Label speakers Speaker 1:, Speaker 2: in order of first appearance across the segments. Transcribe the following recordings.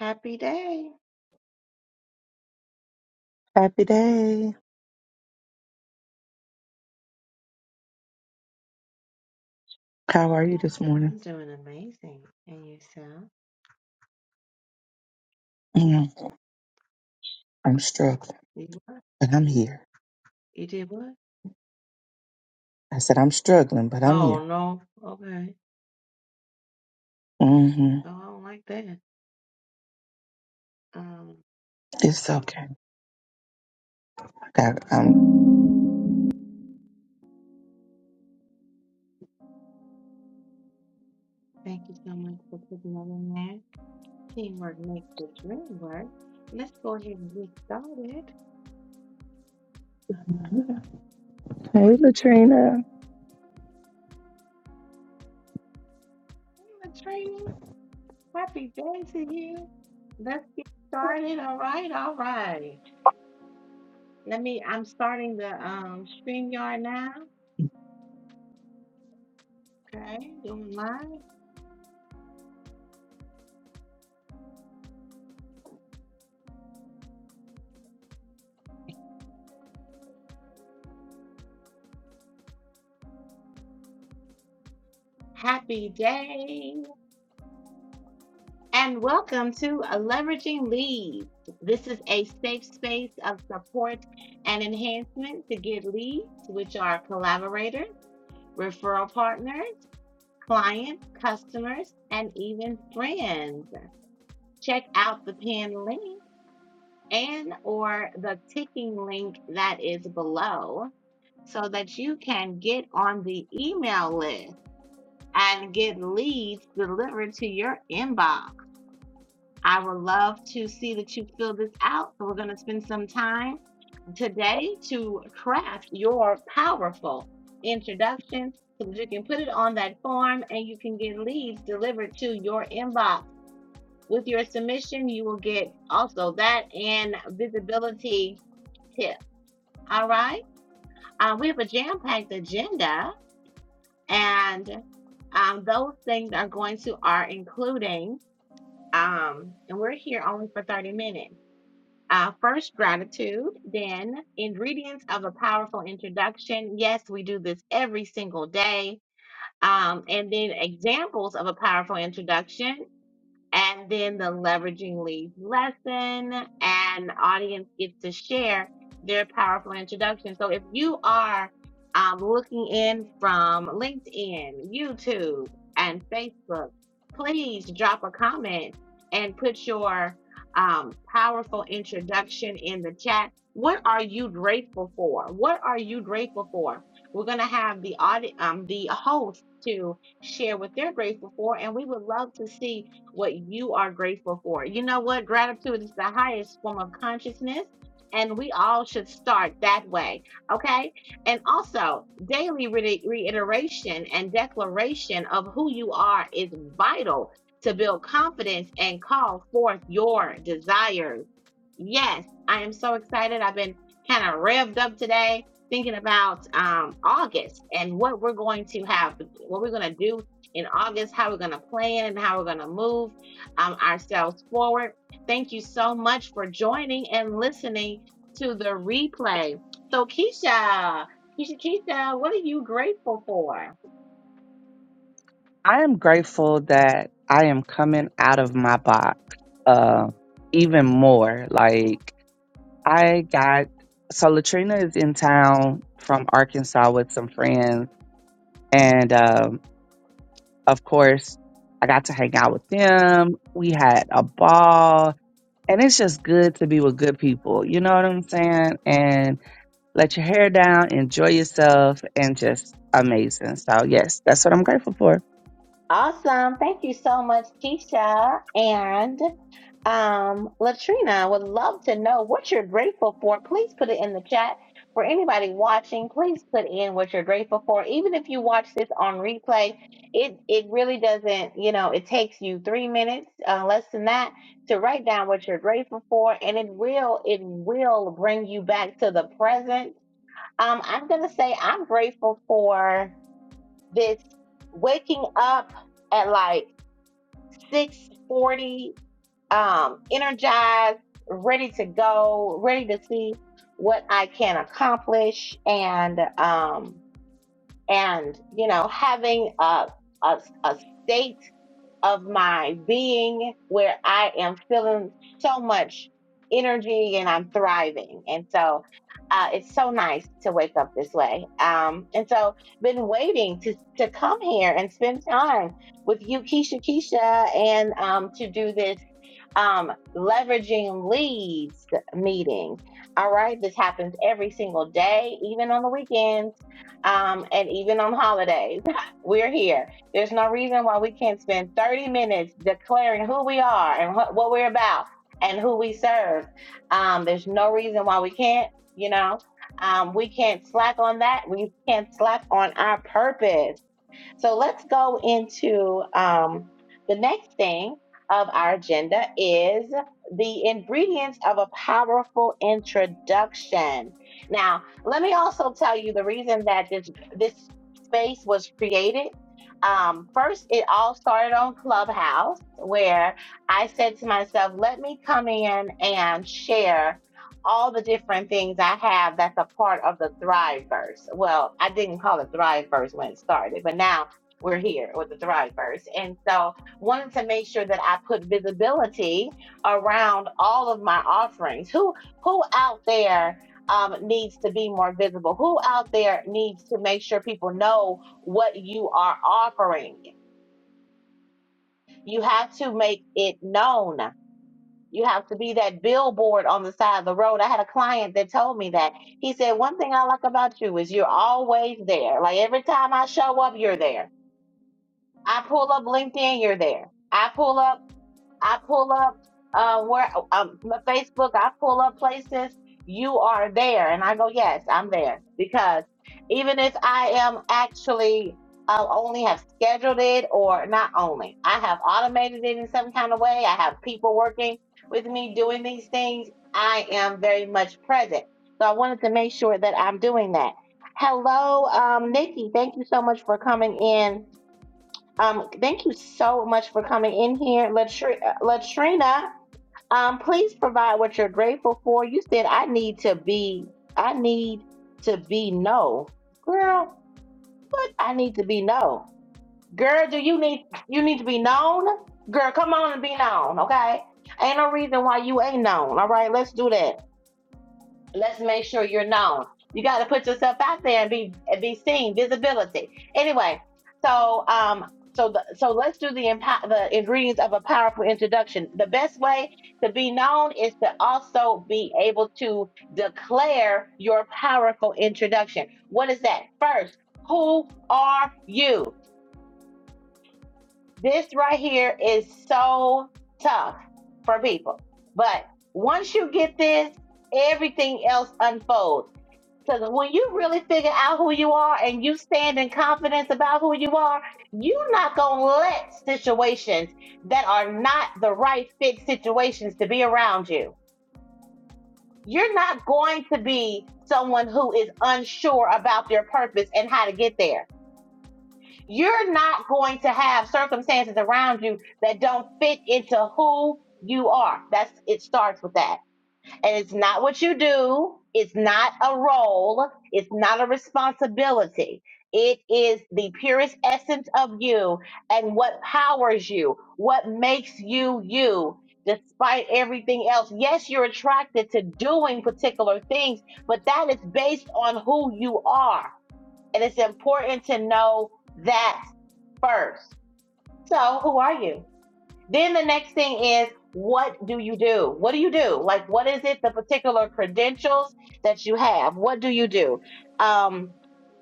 Speaker 1: Happy day.
Speaker 2: Happy day. How are you this morning?
Speaker 1: I'm doing amazing. And yourself?
Speaker 2: Mm, I'm struggling,
Speaker 1: You what?
Speaker 2: but I'm here.
Speaker 1: You did what?
Speaker 2: I said I'm struggling, but I'm
Speaker 1: Oh
Speaker 2: here.
Speaker 1: no. Okay.
Speaker 2: hmm
Speaker 1: Oh, I don't like that. Um,
Speaker 2: It's okay. I got, I'm.
Speaker 1: thank you so much for putting that in there. Teamwork makes the dream work. Let's go ahead and get started.
Speaker 2: Hey, Latrina.
Speaker 1: Hey, Latrina, happy day to you. Let's get started. All right, all right. Let me I'm starting the um StreamYard now. Okay, doing live. Happy day. and welcome to Leveraging Leads. This is a safe space of support and enhancement to get leads, which are collaborators, referral partners, clients, customers, and even friends. Check out the pinned link and or the ticking link that is below so that you can get on the email list and get leads delivered to your inbox. I would love to see that you fill this out. So, we're going to spend some time today to craft your powerful introduction so that you can put it on that form and you can get leads delivered to your inbox. With your submission, you will get also that and visibility tip. All right. Uh, we have a jam packed agenda, and um, those things are going to are including, um, and we're here only for 30 minutes. Uh, first, gratitude, then, ingredients of a powerful introduction. Yes, we do this every single day. Um, and then, examples of a powerful introduction and then the leveraging leads lesson and audience gets to share their powerful introduction so if you are um, looking in from linkedin youtube and facebook please drop a comment and put your um, powerful introduction in the chat what are you grateful for what are you grateful for we're going to have the audi- um, the host to share what they're grateful for and we would love to see what you are grateful for. You know what? Gratitude is the highest form of consciousness, and we all should start that way. Okay. And also, daily re- reiteration and declaration of who you are is vital to build confidence and call forth your desires. Yes, I am so excited. I've been kind of revved up today thinking about um, August and what we're going to have, what we're going to do in August, how we're going to plan and how we're going to move um, ourselves forward. Thank you so much for joining and listening to the replay. So, Keisha, Keisha, Keisha, what are you grateful for?
Speaker 2: I am grateful that I am coming out of my box, uh, even more. Like I got so Latrina is in town from Arkansas with some friends, and um, of course, I got to hang out with them. We had a ball, and it's just good to be with good people. You know what I'm saying? And let your hair down, enjoy yourself, and just amazing. So yes, that's what I'm grateful for.
Speaker 1: Awesome. Thank you so much, Keisha and um, Latrina. I Would love to know what you're grateful for. Please put it in the chat. For anybody watching, please put in what you're grateful for. Even if you watch this on replay, it it really doesn't. You know, it takes you three minutes, uh, less than that, to write down what you're grateful for, and it will it will bring you back to the present. Um, I'm gonna say I'm grateful for this waking up at like 640 um energized ready to go ready to see what i can accomplish and um and you know having a, a, a state of my being where i am feeling so much energy and i'm thriving and so uh, it's so nice to wake up this way um, and so been waiting to, to come here and spend time with you keisha keisha and um, to do this um, leveraging leads meeting. All right, this happens every single day, even on the weekends, um, and even on holidays. We're here. There's no reason why we can't spend 30 minutes declaring who we are and what, what we're about and who we serve. Um, there's no reason why we can't, you know. Um, we can't slack on that. We can't slack on our purpose so let's go into um, the next thing of our agenda is the ingredients of a powerful introduction. Now, let me also tell you the reason that this this space was created. Um, first, it all started on Clubhouse, where I said to myself, "Let me come in and share." All the different things I have that's a part of the Thriveverse. Well, I didn't call it Thriveverse when it started, but now we're here with the Thrivers. And so wanted to make sure that I put visibility around all of my offerings. Who who out there um, needs to be more visible? Who out there needs to make sure people know what you are offering? You have to make it known. You have to be that billboard on the side of the road. I had a client that told me that. He said, One thing I like about you is you're always there. Like every time I show up, you're there I pull up LinkedIn, you're there. I pull up, I pull up uh, where um, my Facebook, I pull up places, you are there. And I go, yes, I'm there. Because even if I am actually uh, only have scheduled it or not only, I have automated it in some kind of way. I have people working with me doing these things. I am very much present. So I wanted to make sure that I'm doing that. Hello, um, Nikki. Thank you so much for coming in um, thank you so much for coming in here, Latri- uh, Latrina. Um, please provide what you're grateful for. You said I need to be, I need to be no, girl. What I need to be no, girl. Do you need you need to be known, girl? Come on and be known, okay? Ain't no reason why you ain't known. All right, let's do that let's make sure you're known. You got to put yourself out there and be be seen, visibility. Anyway, so um, so the, so let's do the empo- the ingredients of a powerful introduction. The best way to be known is to also be able to declare your powerful introduction. What is that? First, who are you? This right here is so tough for people, but once you get this, everything else unfolds because when you really figure out who you are and you stand in confidence about who you are, you're not going to let situations that are not the right fit situations to be around you. You're not going to be someone who is unsure about their purpose and how to get there. You're not going to have circumstances around you that don't fit into who you are. That's it starts with that. And it's not what you do, it's not a role, it's not a responsibility. It is the purest essence of you and what powers you, what makes you you. Despite everything else, yes, you're attracted to doing particular things, but that is based on who you are. And it's important to know that first. So, who are you? Then the next thing is, what do you do? What do you do? Like, what is it, the particular credentials that you have? What do you do? Um,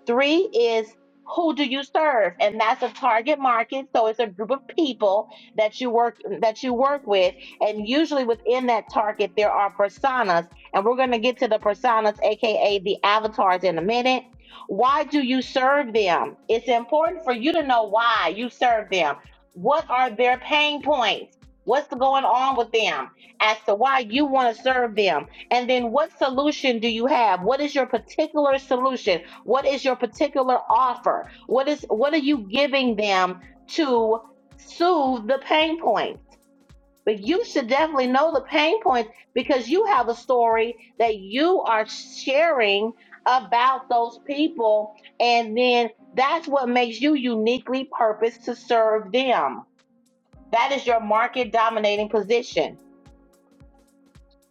Speaker 1: three is, who do you serve? And that's a target market. So it's a group of people that you work that you work with. And usually within that target, there are personas. And we're gonna get to the personas, aka the avatars in a minute. Why do you serve them? It's important for you to know why you serve them what are their pain points? What's going on with them as to why you want to serve them? And then what solution do you have? What is your particular solution? What is your particular offer? What is what are you giving them to soothe the pain points? But you should definitely know the pain points because you have a story that you are sharing about those people and then that's what makes you uniquely purposed to serve them. That is your market dominating position.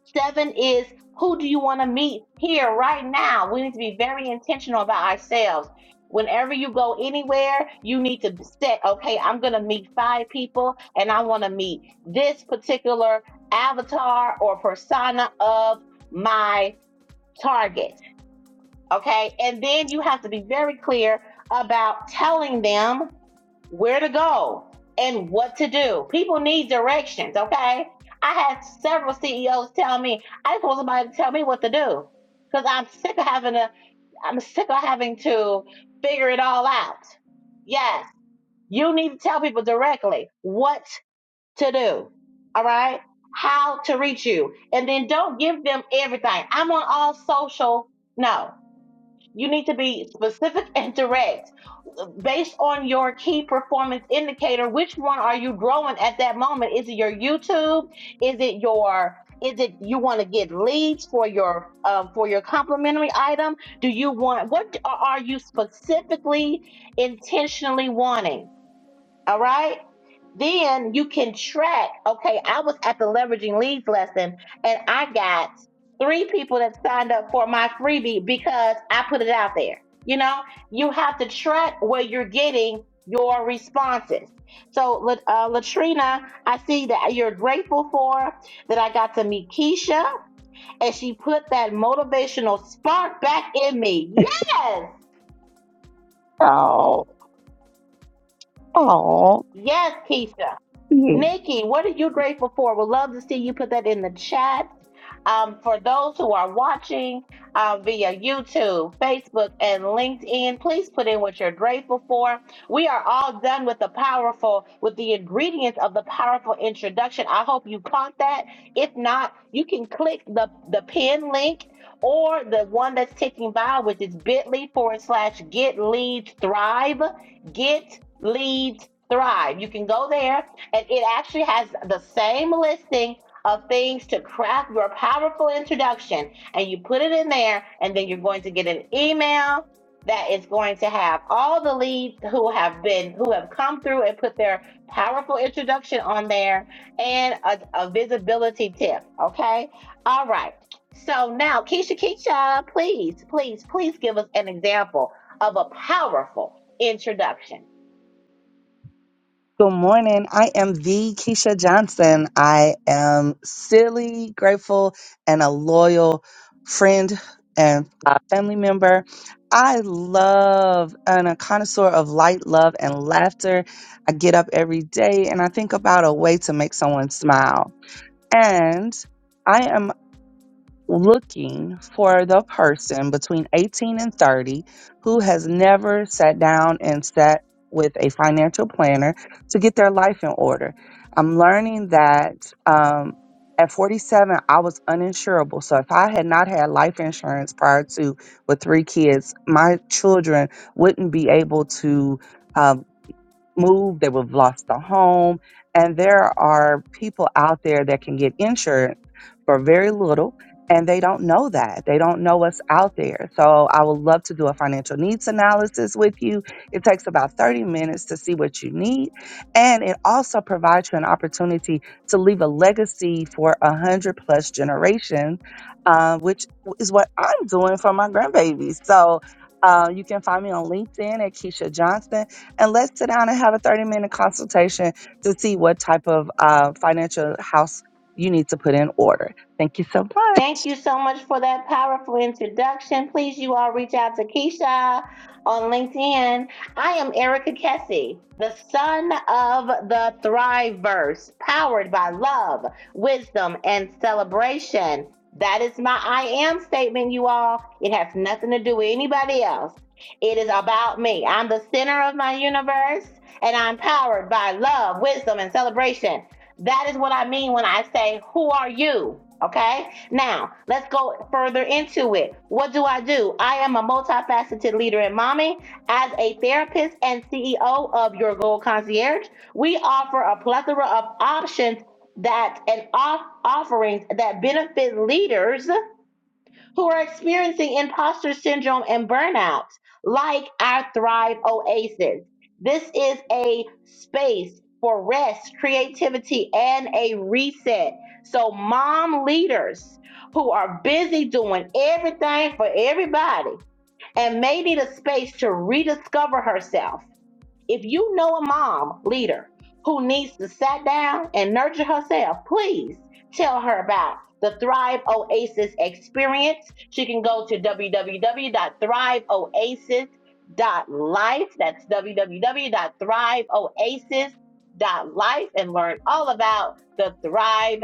Speaker 1: Seven is who do you want to meet here right now? We need to be very intentional about ourselves. Whenever you go anywhere, you need to set, okay, I'm going to meet five people and I want to meet this particular avatar or persona of my target. Okay. And then you have to be very clear about telling them where to go and what to do. People need directions, okay? I had several CEOs tell me, I just want somebody to tell me what to do. Cause I'm sick of having to I'm sick of having to figure it all out. Yes, you need to tell people directly what to do. All right? How to reach you. And then don't give them everything. I'm on all social. No. You need to be specific and direct based on your key performance indicator. Which one are you growing at that moment? Is it your YouTube? Is it your is it you want to get leads for your uh, for your complimentary item? Do you want what are you specifically intentionally wanting? All right then you can track. Okay, I was at the leveraging leads lesson and I got three people that signed up for my freebie because I put it out there. You know, you have to track where you're getting your responses. So, uh, Latrina, I see that you're grateful for that I got to meet Keisha and she put that motivational spark back in me. Yes, yes, Keisha. Nikki, what are you grateful for? We'd love to see you put that in the chat. Um, for those who are watching uh, via YouTube, Facebook, and LinkedIn, please put in what you're grateful for. We are all done with the powerful, with the ingredients of the powerful introduction. I hope you caught that. If not, you can click the, the pin link or the one that's ticking by, which is bit.ly forward slash get leads thrive. Get leads thrive. You can go there and it actually has the same listing of things to craft your powerful introduction and you put it in there and then you're going to get an email that is going to have all the leads who have been who have come through and put their powerful introduction on there and a, a visibility tip okay all right so now keisha keisha please please please give us an example of a powerful introduction
Speaker 2: Good morning. I am the Keisha Johnson. I am silly, grateful, and a loyal friend and uh, family member. I love and a connoisseur of light, love, and laughter. I get up every day and I think about a way to make someone smile. And I am looking for the person between 18 and 30 who has never sat down and sat with a financial planner to get their life in order. I'm learning that um, at 47, I was uninsurable. So if I had not had life insurance prior to with three kids, my children wouldn't be able to. Um, moved, they would have lost a home. And there are people out there that can get insurance for very little, and they don't know that. They don't know what's out there. So I would love to do a financial needs analysis with you. It takes about 30 minutes to see what you need. And it also provides you an opportunity to leave a legacy for a 100 plus generations, uh, which is what I'm doing for my grandbabies. So uh, you can find me on LinkedIn at Keisha Johnson and let's sit down and have a 30 minute consultation to see what type of uh, financial house you need to put in order. Thank you so much.
Speaker 1: Thank you so much for that powerful introduction. Please, you all reach out to Keisha on LinkedIn. I am Erica Kessie, the son of the Thriveverse, powered by love, wisdom, and celebration. That is my I am statement, you all. It has nothing to do with anybody else. It is about me. I'm the center of my universe, and I'm powered by love, wisdom, and celebration. That is what I mean when I say, Who are you? Okay? Now, let's go further into it. What do I do? I am a multifaceted leader and mommy. As a therapist and CEO of Your Goal Concierge, we offer a plethora of options that and off- offerings that benefit leaders who are experiencing imposter syndrome and burnout, like our Thrive Oasis. This is a space for rest, creativity, and a reset. So, mom leaders who are busy doing everything for everybody and may need a space to rediscover herself if you know a mom leader who needs to sit down and nurture herself, please tell her about the Thrive Oasis experience. She can go to www.thriveoasis.life. That's www.thriveoasis.life and learn all about the Thrive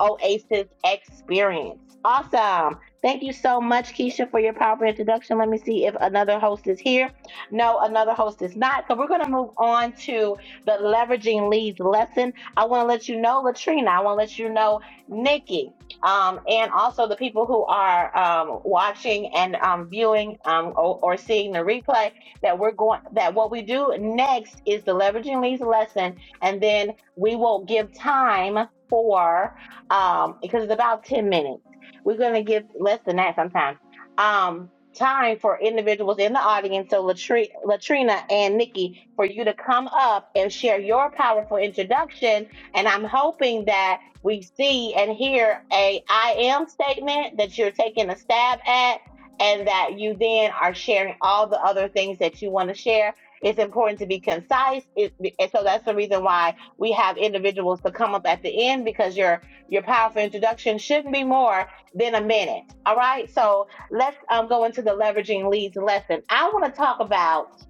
Speaker 1: Oasis Experience. Awesome. Thank you so much, Keisha, for your powerful introduction. Let me see if another host is here. No, another host is not. So we're going to move on to the leveraging leads lesson. I want to let you know, Latrina. I want to let you know, Nikki, um, and also the people who are um, watching and um, viewing um, or, or seeing the replay that we're going. That what we do next is the leveraging leads lesson, and then we will give time for um, because it's about 10 minutes. We're going to give less than that sometimes. Um, time for individuals in the audience, so Latri- Latrina and Nikki, for you to come up and share your powerful introduction. And I'm hoping that we see and hear a I am statement that you're taking a stab at, and that you then are sharing all the other things that you want to share. It's important to be concise, it, and so that's the reason why we have individuals to come up at the end because you're your powerful introduction shouldn't be more than a minute. All right. So let's um, go into the leveraging leads lesson. I want to talk about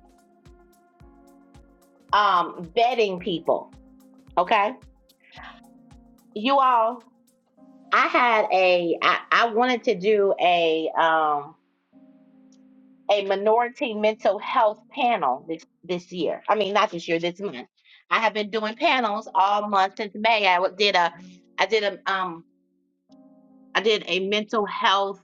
Speaker 1: um, vetting people. Okay. You all, I had a, I, I wanted to do a, um, a minority mental health panel this, this year. I mean, not this year, this month. I have been doing panels all month since May. I did a, I did a, um, I did a mental health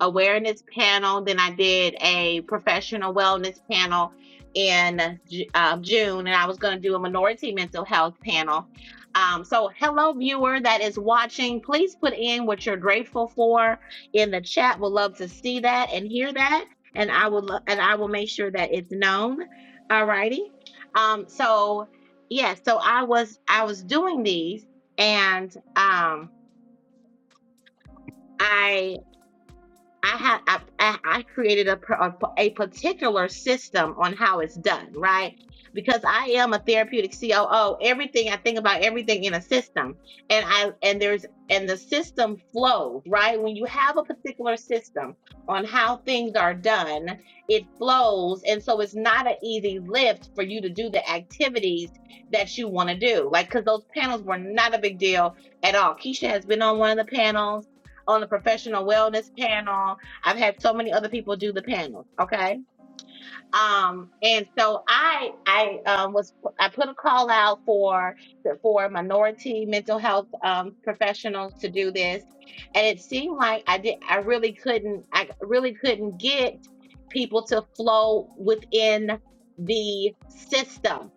Speaker 1: awareness panel. Then I did a professional wellness panel in uh, June, and I was going to do a minority mental health panel. Um, so, hello, viewer that is watching. Please put in what you're grateful for in the chat. We'll love to see that and hear that, and I will lo- and I will make sure that it's known. Alrighty. Um, so, yeah. So I was I was doing these, and um, I I had I, I created a, a a particular system on how it's done, right? Because I am a therapeutic COO, everything I think about everything in a system, and I and there's and the system flows, right? When you have a particular system on how things are done, it flows, and so it's not an easy lift for you to do the activities that you want to do, like because those panels were not a big deal at all. Keisha has been on one of the panels on the professional wellness panel. I've had so many other people do the panels. Okay. Um, and so I I um, was I put a call out for for minority mental health um, professionals to do this, and it seemed like I did I really couldn't I really couldn't get people to flow within the system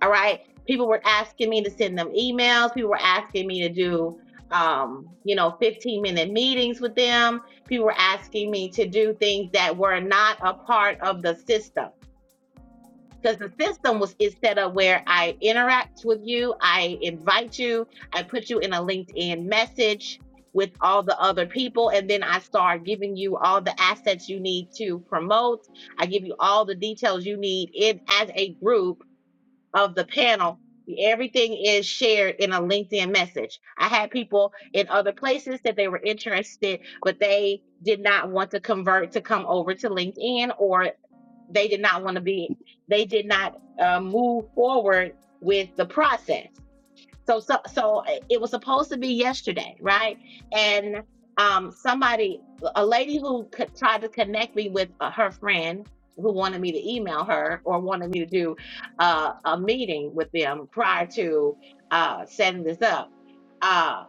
Speaker 1: all right. People were asking me to send them emails. People were asking me to do, um, you know, 15 minute meetings with them. People were asking me to do things that were not a part of the system because the system was is set up where I interact with you, I invite you, I put you in a LinkedIn message with all the other people, and then I start giving you all the assets you need to promote. I give you all the details you need in as a group of the panel, everything is shared in a LinkedIn message. I had people in other places that they were interested, but they did not want to convert to come over to LinkedIn, or they did not want to be, they did not uh, move forward with the process. So so so eh, it was supposed to be yesterday, right? And um, somebody, a lady who co- tried to connect me with uh, her friend who wanted me to email her or wanted me to do uh, a meeting with them prior to uh, setting this up. Uh,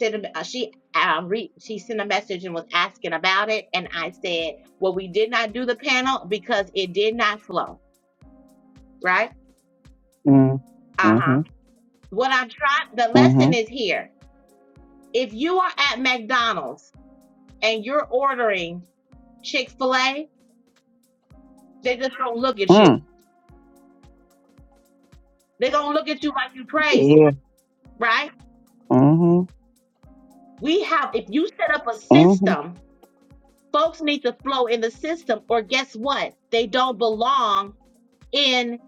Speaker 1: sent a, uh, she uh, re, she sent a message and was asking about it, and I said, "Well, we did not do the panel because it did not flow." Right?
Speaker 2: Mm,
Speaker 1: Uh huh.
Speaker 2: mm-hmm,
Speaker 1: What I'm trying, the lesson
Speaker 2: mm-hmm,
Speaker 1: is here If you are at McDonald's and you're ordering Chick fil A, they just don't look at you.
Speaker 2: mm,
Speaker 1: They're going to look at you like you crazy,
Speaker 2: yeah,
Speaker 1: right?
Speaker 2: mm-hmm,
Speaker 1: We have, if you set up a
Speaker 2: mm-hmm,
Speaker 1: system, folks need to flow in the system, or guess what? They don't belong in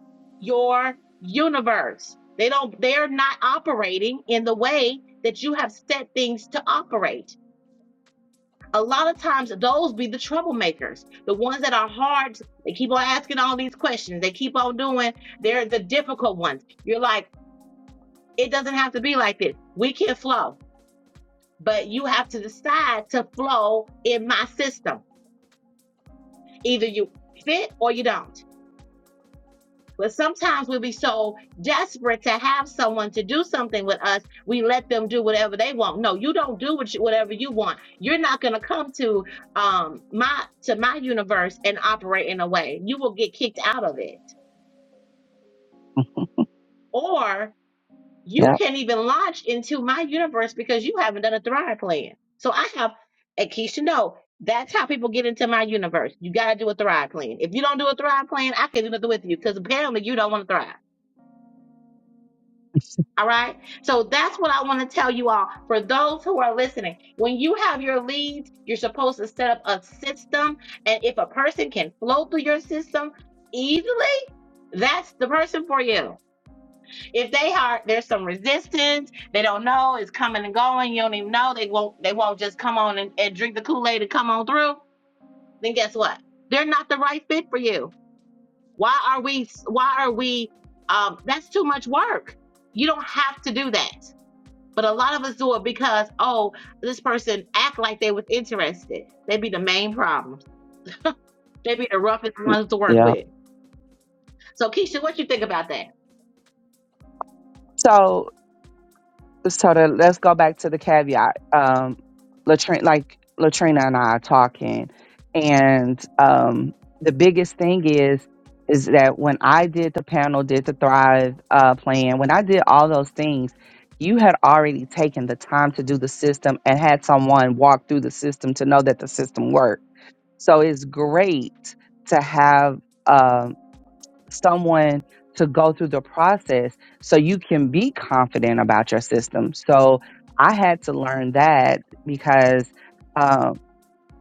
Speaker 1: your universe. They don't, they're not operating in the way that you have set things to operate. a lot of times those be the troublemakers the ones that are hard they keep on asking all these questions they keep on doing they're the difficult ones you're like it doesn't have to be like this we can flow but you have to decide to flow in my system either you fit or you don't But sometimes we'll be so desperate to have someone to do something with us, we let them do whatever they want. No, you don't do what you, whatever you want. You're not going to come to um, my to my universe and operate in a way. You will get kicked out of it, or you
Speaker 2: yeah,
Speaker 1: can't even launch into my universe because you haven't done a thrive plan. So I have, and Keisha, know that's how people get into my universe. You got to do a thrive plan. If you don't do a thrive plan, I can't do nothing with you because apparently you don't want to thrive. All right. So that's what I want to tell you all for those who are listening. When you have your leads, you're supposed to set up a system. And if a person can flow through your system easily, that's the person for you. If they are there's some resistance, they don't know, it's coming and going, you don't even know, they won't they won't just come on and, and drink the Kool-Aid and come on through, then guess what? They're not the right fit for you. Why are we why are we um that's too much work. You don't have to do that but a lot of us do it because, oh, this person act like they was interested. They be the main problem. They be the roughest ones to work
Speaker 2: yeah.
Speaker 1: with. So Keisha, what you think about that?
Speaker 2: So so to, let's go back to the caveat. Um, Latrina, like Latrina and I are talking, and um, the biggest thing is is that when I did the panel, did the Thrive uh, plan, when I did all those things, you had already taken the time to do the system and had someone walk through the system to know that the system worked. So it's great to have. Um, someone to go through the process so you can be confident about your system. So I had to learn that because um,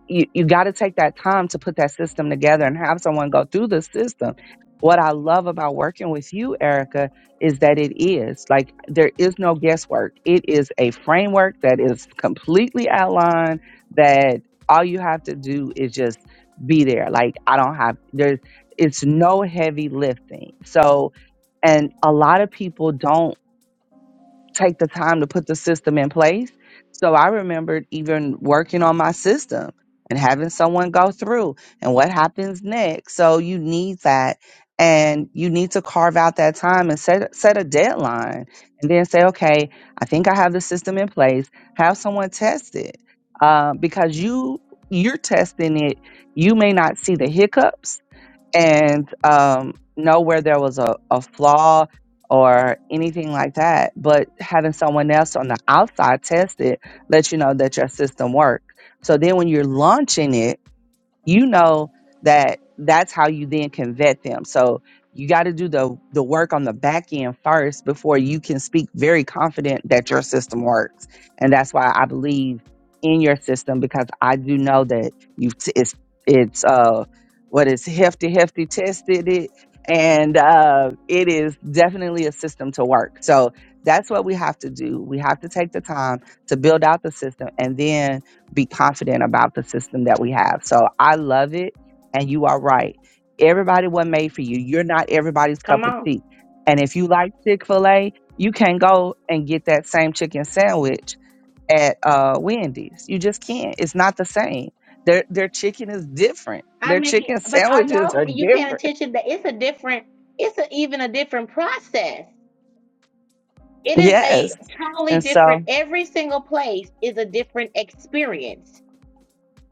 Speaker 2: you, you got to take that time to put that system together and have someone go through the system. What I love about working with you, Erica, is that it is like there is no guesswork. It is a framework that is completely outlined that all you have to do is just be there. Like I don't have there's it's no heavy lifting. So and a lot of people don't take the time to put the system in place. So I remembered even working on my system and having someone go through and what happens next. So you need that and you need to carve out that time and set set a deadline and then say, okay, I think I have the system in place. Have someone test it. Uh, because you you're testing it, you may not see the hiccups and um, know where there was a, a flaw or anything like that. But having someone else on the outside test it lets you know that your system works. So then when you're launching it, you know that that's how you then can vet them. So you got to do the the work on the back end first before you can speak very confident that your system works. And that's why I believe in your system because I do know that you have it's it's uh what is hefty hefty tested it and uh it is definitely a system to work. So that's what we have to do. We have to take the time to build out the system and then be confident about the system that we have. So I love it. And you are right. Everybody wasn't made for you. You're not everybody's
Speaker 1: Come
Speaker 2: cup of
Speaker 1: on.
Speaker 2: tea. And if you like Chick fil A, you can go and get that same chicken sandwich at uh, Wendy's. You just can't. It's not the same. Their, their chicken is different.
Speaker 1: I
Speaker 2: Their
Speaker 1: mean,
Speaker 2: chicken
Speaker 1: but are
Speaker 2: sandwiches
Speaker 1: y'all
Speaker 2: are
Speaker 1: you paying
Speaker 2: different.
Speaker 1: attention that it's a different, it's a, even a different process. It is a
Speaker 2: Yes.
Speaker 1: totally
Speaker 2: And
Speaker 1: different.
Speaker 2: so,
Speaker 1: Every single place is a different experience.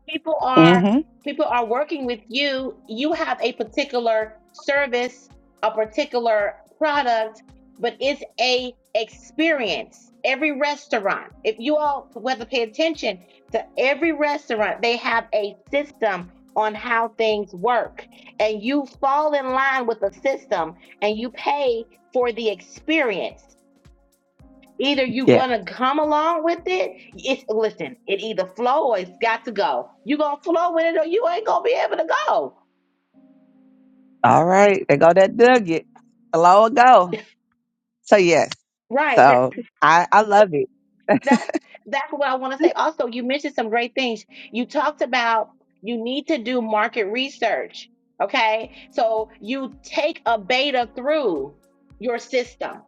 Speaker 1: people are
Speaker 2: hmm
Speaker 1: people are working with you you have a particular service a particular product but it's a experience every restaurant if you all whether pay attention to every restaurant they have a system on how things work and you fall in line with the system and you pay for the experience Either you
Speaker 2: yeah.
Speaker 1: gonna come along with it. It's listen, it either flow or it's got to go. You gonna flow with it or you ain't gonna be able to go.
Speaker 2: All right. There go that nugget. Hello, go. So, yes.
Speaker 1: Right. That
Speaker 2: So, I, I love it.
Speaker 1: that's that's what I wanna say. Also, you mentioned some great things. You talked about you need to do market research. Okay. So you take a beta through your system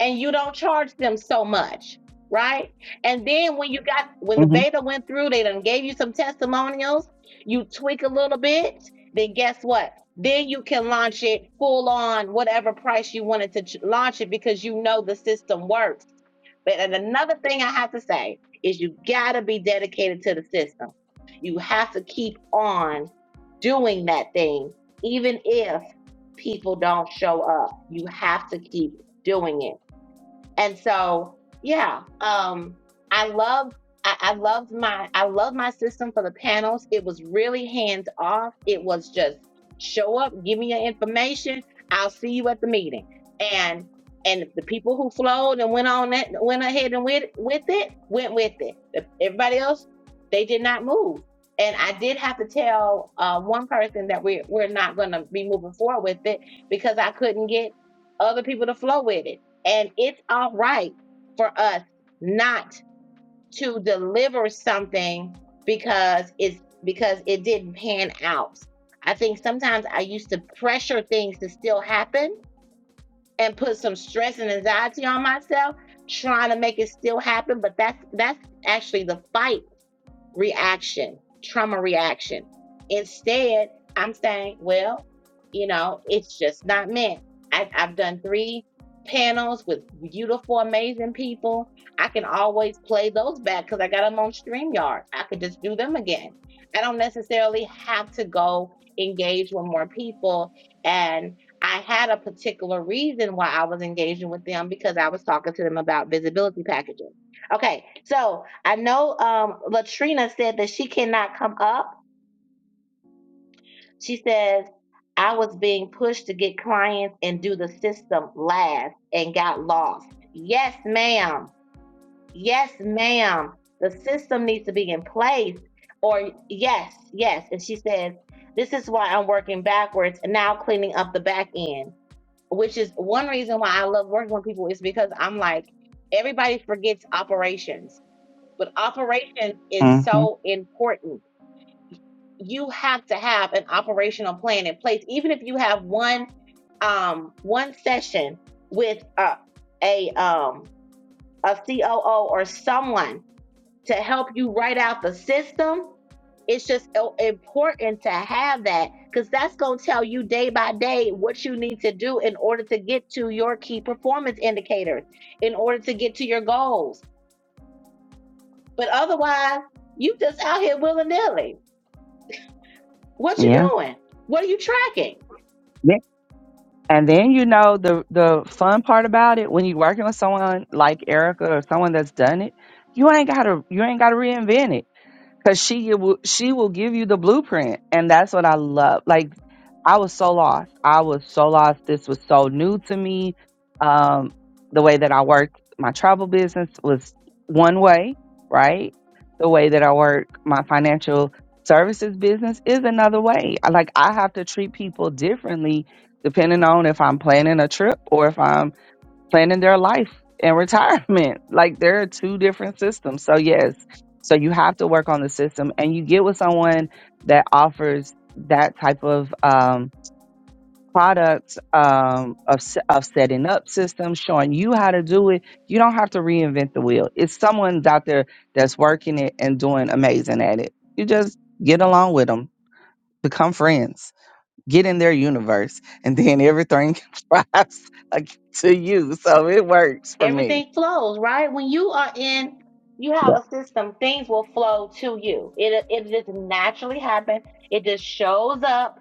Speaker 1: and you don't charge them so much, right? And then when you got when the
Speaker 2: Mhm.
Speaker 1: beta went through, they done gave you some testimonials, you tweak a little bit, then guess what? Then you can launch it full on whatever price you wanted to ch- launch it because you know the system works. But and another thing I have to say is you gotta be dedicated to the system. You have to keep on doing that thing, even if people don't show up. You have to keep doing it and so, yeah, um, I love I, I loved my I loved my system for the panels. It was really hands off. It was just show up, give me your information. I'll see you at the meeting. And and the people who flowed and went on that went ahead and went with it went with it. Everybody else they did not move. And I did have to tell uh, one person that we we're not going to be moving forward with it because I couldn't get other people to flow with it and it's all right for us not to deliver something because it's because it didn't pan out. I think sometimes I used to pressure things to still happen and put some stress and anxiety on myself trying to make it still happen, but that's that's actually the fight reaction, trauma reaction. Instead, I'm saying, well, you know, it's just not meant. I, I've done three panels with beautiful, amazing people. I can always play those back because I got them on StreamYard. I could just do them again. I don't necessarily have to go engage with more people. And I had a particular reason why I was engaging with them because I was talking to them about visibility packages. Okay, so I know um, Latrina said that she cannot come up. She says, I was being pushed to get clients and do the system last and got lost. Yes, ma'am. Yes, ma'am. The system needs to be in place. Or, yes, yes. And she says, This is why I'm working backwards and now cleaning up the back end, which is one reason why I love working with people is because I'm like, everybody forgets operations But operations is
Speaker 2: Mhm.
Speaker 1: so important. You have to have an operational plan in place, even if you have one um, one session with a a, um, a COO or someone to help you write out the system. It's just so important to have that because that's going to tell you day by day what you need to do in order to get to your key performance indicators, in order to get to your goals. But otherwise, you just out here willy nilly. What you
Speaker 2: Yeah.
Speaker 1: doing? What are you tracking?
Speaker 2: Yeah. And then you know the the fun part about it when you're working with someone like Erica or someone that's done it, you ain't gotta you ain't gotta reinvent it. because she will she will give you the blueprint and that's what i love like i was so lost i was so lost this was so new to me um the way that i work my travel business was one way right the way that i work my financial services business is another way I- like i have to treat people differently depending on if i'm planning a trip or if i'm planning their life and retirement. Like there are two different systems. So yes, so you have to work on the system and you get with someone that offers that type of um product um of s- of setting up systems showing you how to do it you don't have to reinvent the wheel it's someone's out there that's working it and doing amazing at it you just get along with them become friends get in their universe and then everything flies like, to you so it works for me
Speaker 1: Everything flows, right? When you are in, you have
Speaker 2: Yeah.
Speaker 1: a system. Things will flow to you. It it just naturally happens. It just shows up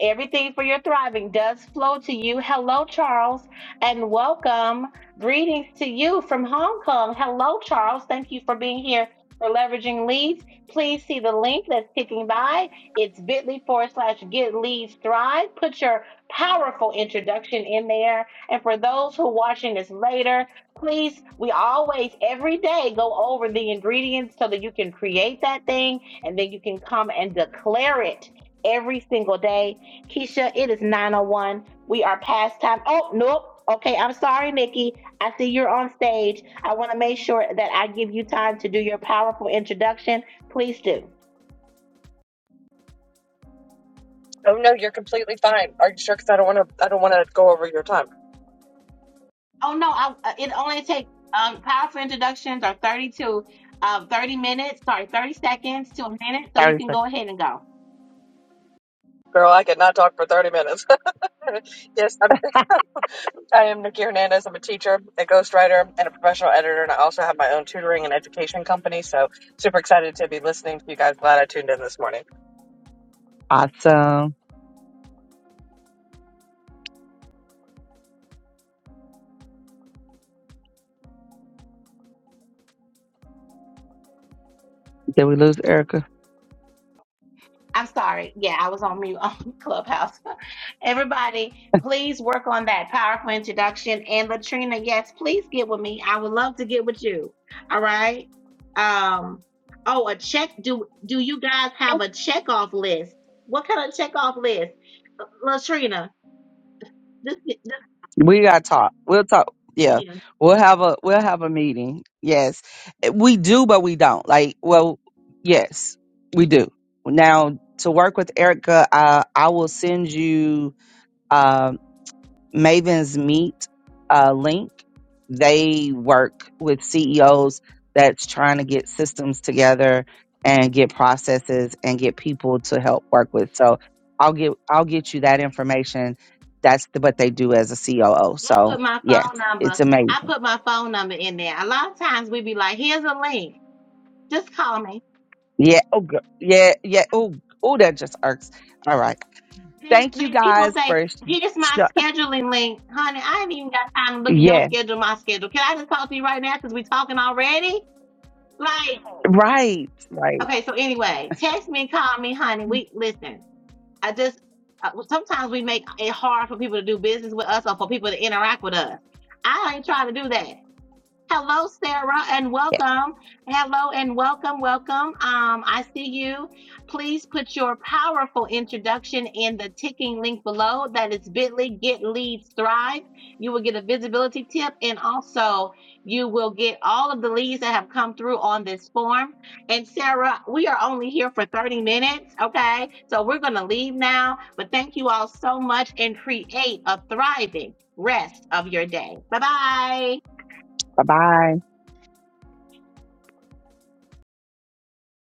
Speaker 1: Everything for your thriving does flow to you. Hello, Charles, and welcome. Greetings to you from Hong Kong. Hello, Charles. Thank you for being here for leveraging leads. Please see the link that's ticking by. It's bit.ly forward slash get leads thrive. Put your powerful introduction in there. And for those who are watching this later, please, we always every day go over the ingredients so that you can create that thing and then you can come and declare it every single day Keisha, it is 901. We are past time. Oh, nope. Okay, I'm sorry, Nikki. I see you're on stage. I want to make sure that I give you time to do your powerful introduction. Please do.
Speaker 3: Oh no, you're completely fine. Are you sure? Because I don't want to. I don't want to go over your time,
Speaker 1: Oh no, I, uh, it only takes um, powerful introductions are 32, uh, 30 minutes, sorry, 30 seconds to a minute, so you
Speaker 2: 30
Speaker 1: can
Speaker 2: seconds.
Speaker 1: go ahead and go.
Speaker 3: girl. I could not talk for thirty minutes. yes, I'm. I am Nikki Hernandez. I'm a teacher, a ghostwriter, and a professional editor, and I also have my own tutoring and education company. So super excited to be listening to you guys. Glad I tuned in this morning.
Speaker 2: Awesome. Did we lose Erica?
Speaker 1: I'm sorry. Yeah, I was on mute on Clubhouse. Everybody, please work on that powerful introduction. And Latrina, yes, please get with me. I would love to get with you. All right. Um, oh, a check. Do do you guys have a checkoff list? What kind of checkoff list? Latrina, this, this
Speaker 2: We gotta talk. We'll talk. Yeah.
Speaker 1: yeah.
Speaker 2: We'll have a we'll have a meeting. Yes. Eh, We do, but we don't. Like, well, yes, we do. Now to work with Erica, uh, I will send you Um, Maven's Meet uh, link. They work with CEOs that's trying to get systems together and get processes and get people to help work with. So I'll get I'll get you that information. That's the, what they do as a COO.
Speaker 1: I
Speaker 2: So
Speaker 1: put my
Speaker 2: yes,
Speaker 1: phone
Speaker 2: it's
Speaker 1: number.
Speaker 2: amazing.
Speaker 1: I put my phone number in there. A lot of times we be like, here's a link. Just call me.
Speaker 2: Yeah. Oh, gir- yeah, yeah. Oh, oh, that just irks. All right.
Speaker 1: Then,
Speaker 2: Thank you
Speaker 1: then people
Speaker 2: guys
Speaker 1: say,
Speaker 2: for. sh-
Speaker 1: here's
Speaker 2: sh-
Speaker 1: my scheduling link. Honey, I ain't even got time to look at your
Speaker 2: Yeah.
Speaker 1: schedule, my schedule. Can I just talk to you right now because we talking already? Like,
Speaker 2: Right. Right.
Speaker 1: okay, so anyway, text me, call me, honey. We listen. I just uh, well, sometimes we make it hard for people to do business with us or for people to interact with us. I ain't trying to do that. Hello, Sarah, and
Speaker 2: Yeah.
Speaker 1: welcome. Hello, and welcome, welcome. Um, I see you. Please put your powerful introduction in the ticking link below. That is bit.ly, get leads, thrive. You will get a visibility tip, and also you will get all of the leads that have come through on this form. And Sarah, we are only here for 30 minutes, okay? So we're going to leave now, but thank you all so much and create a thriving rest of your day. Bye bye.
Speaker 2: Bye bye.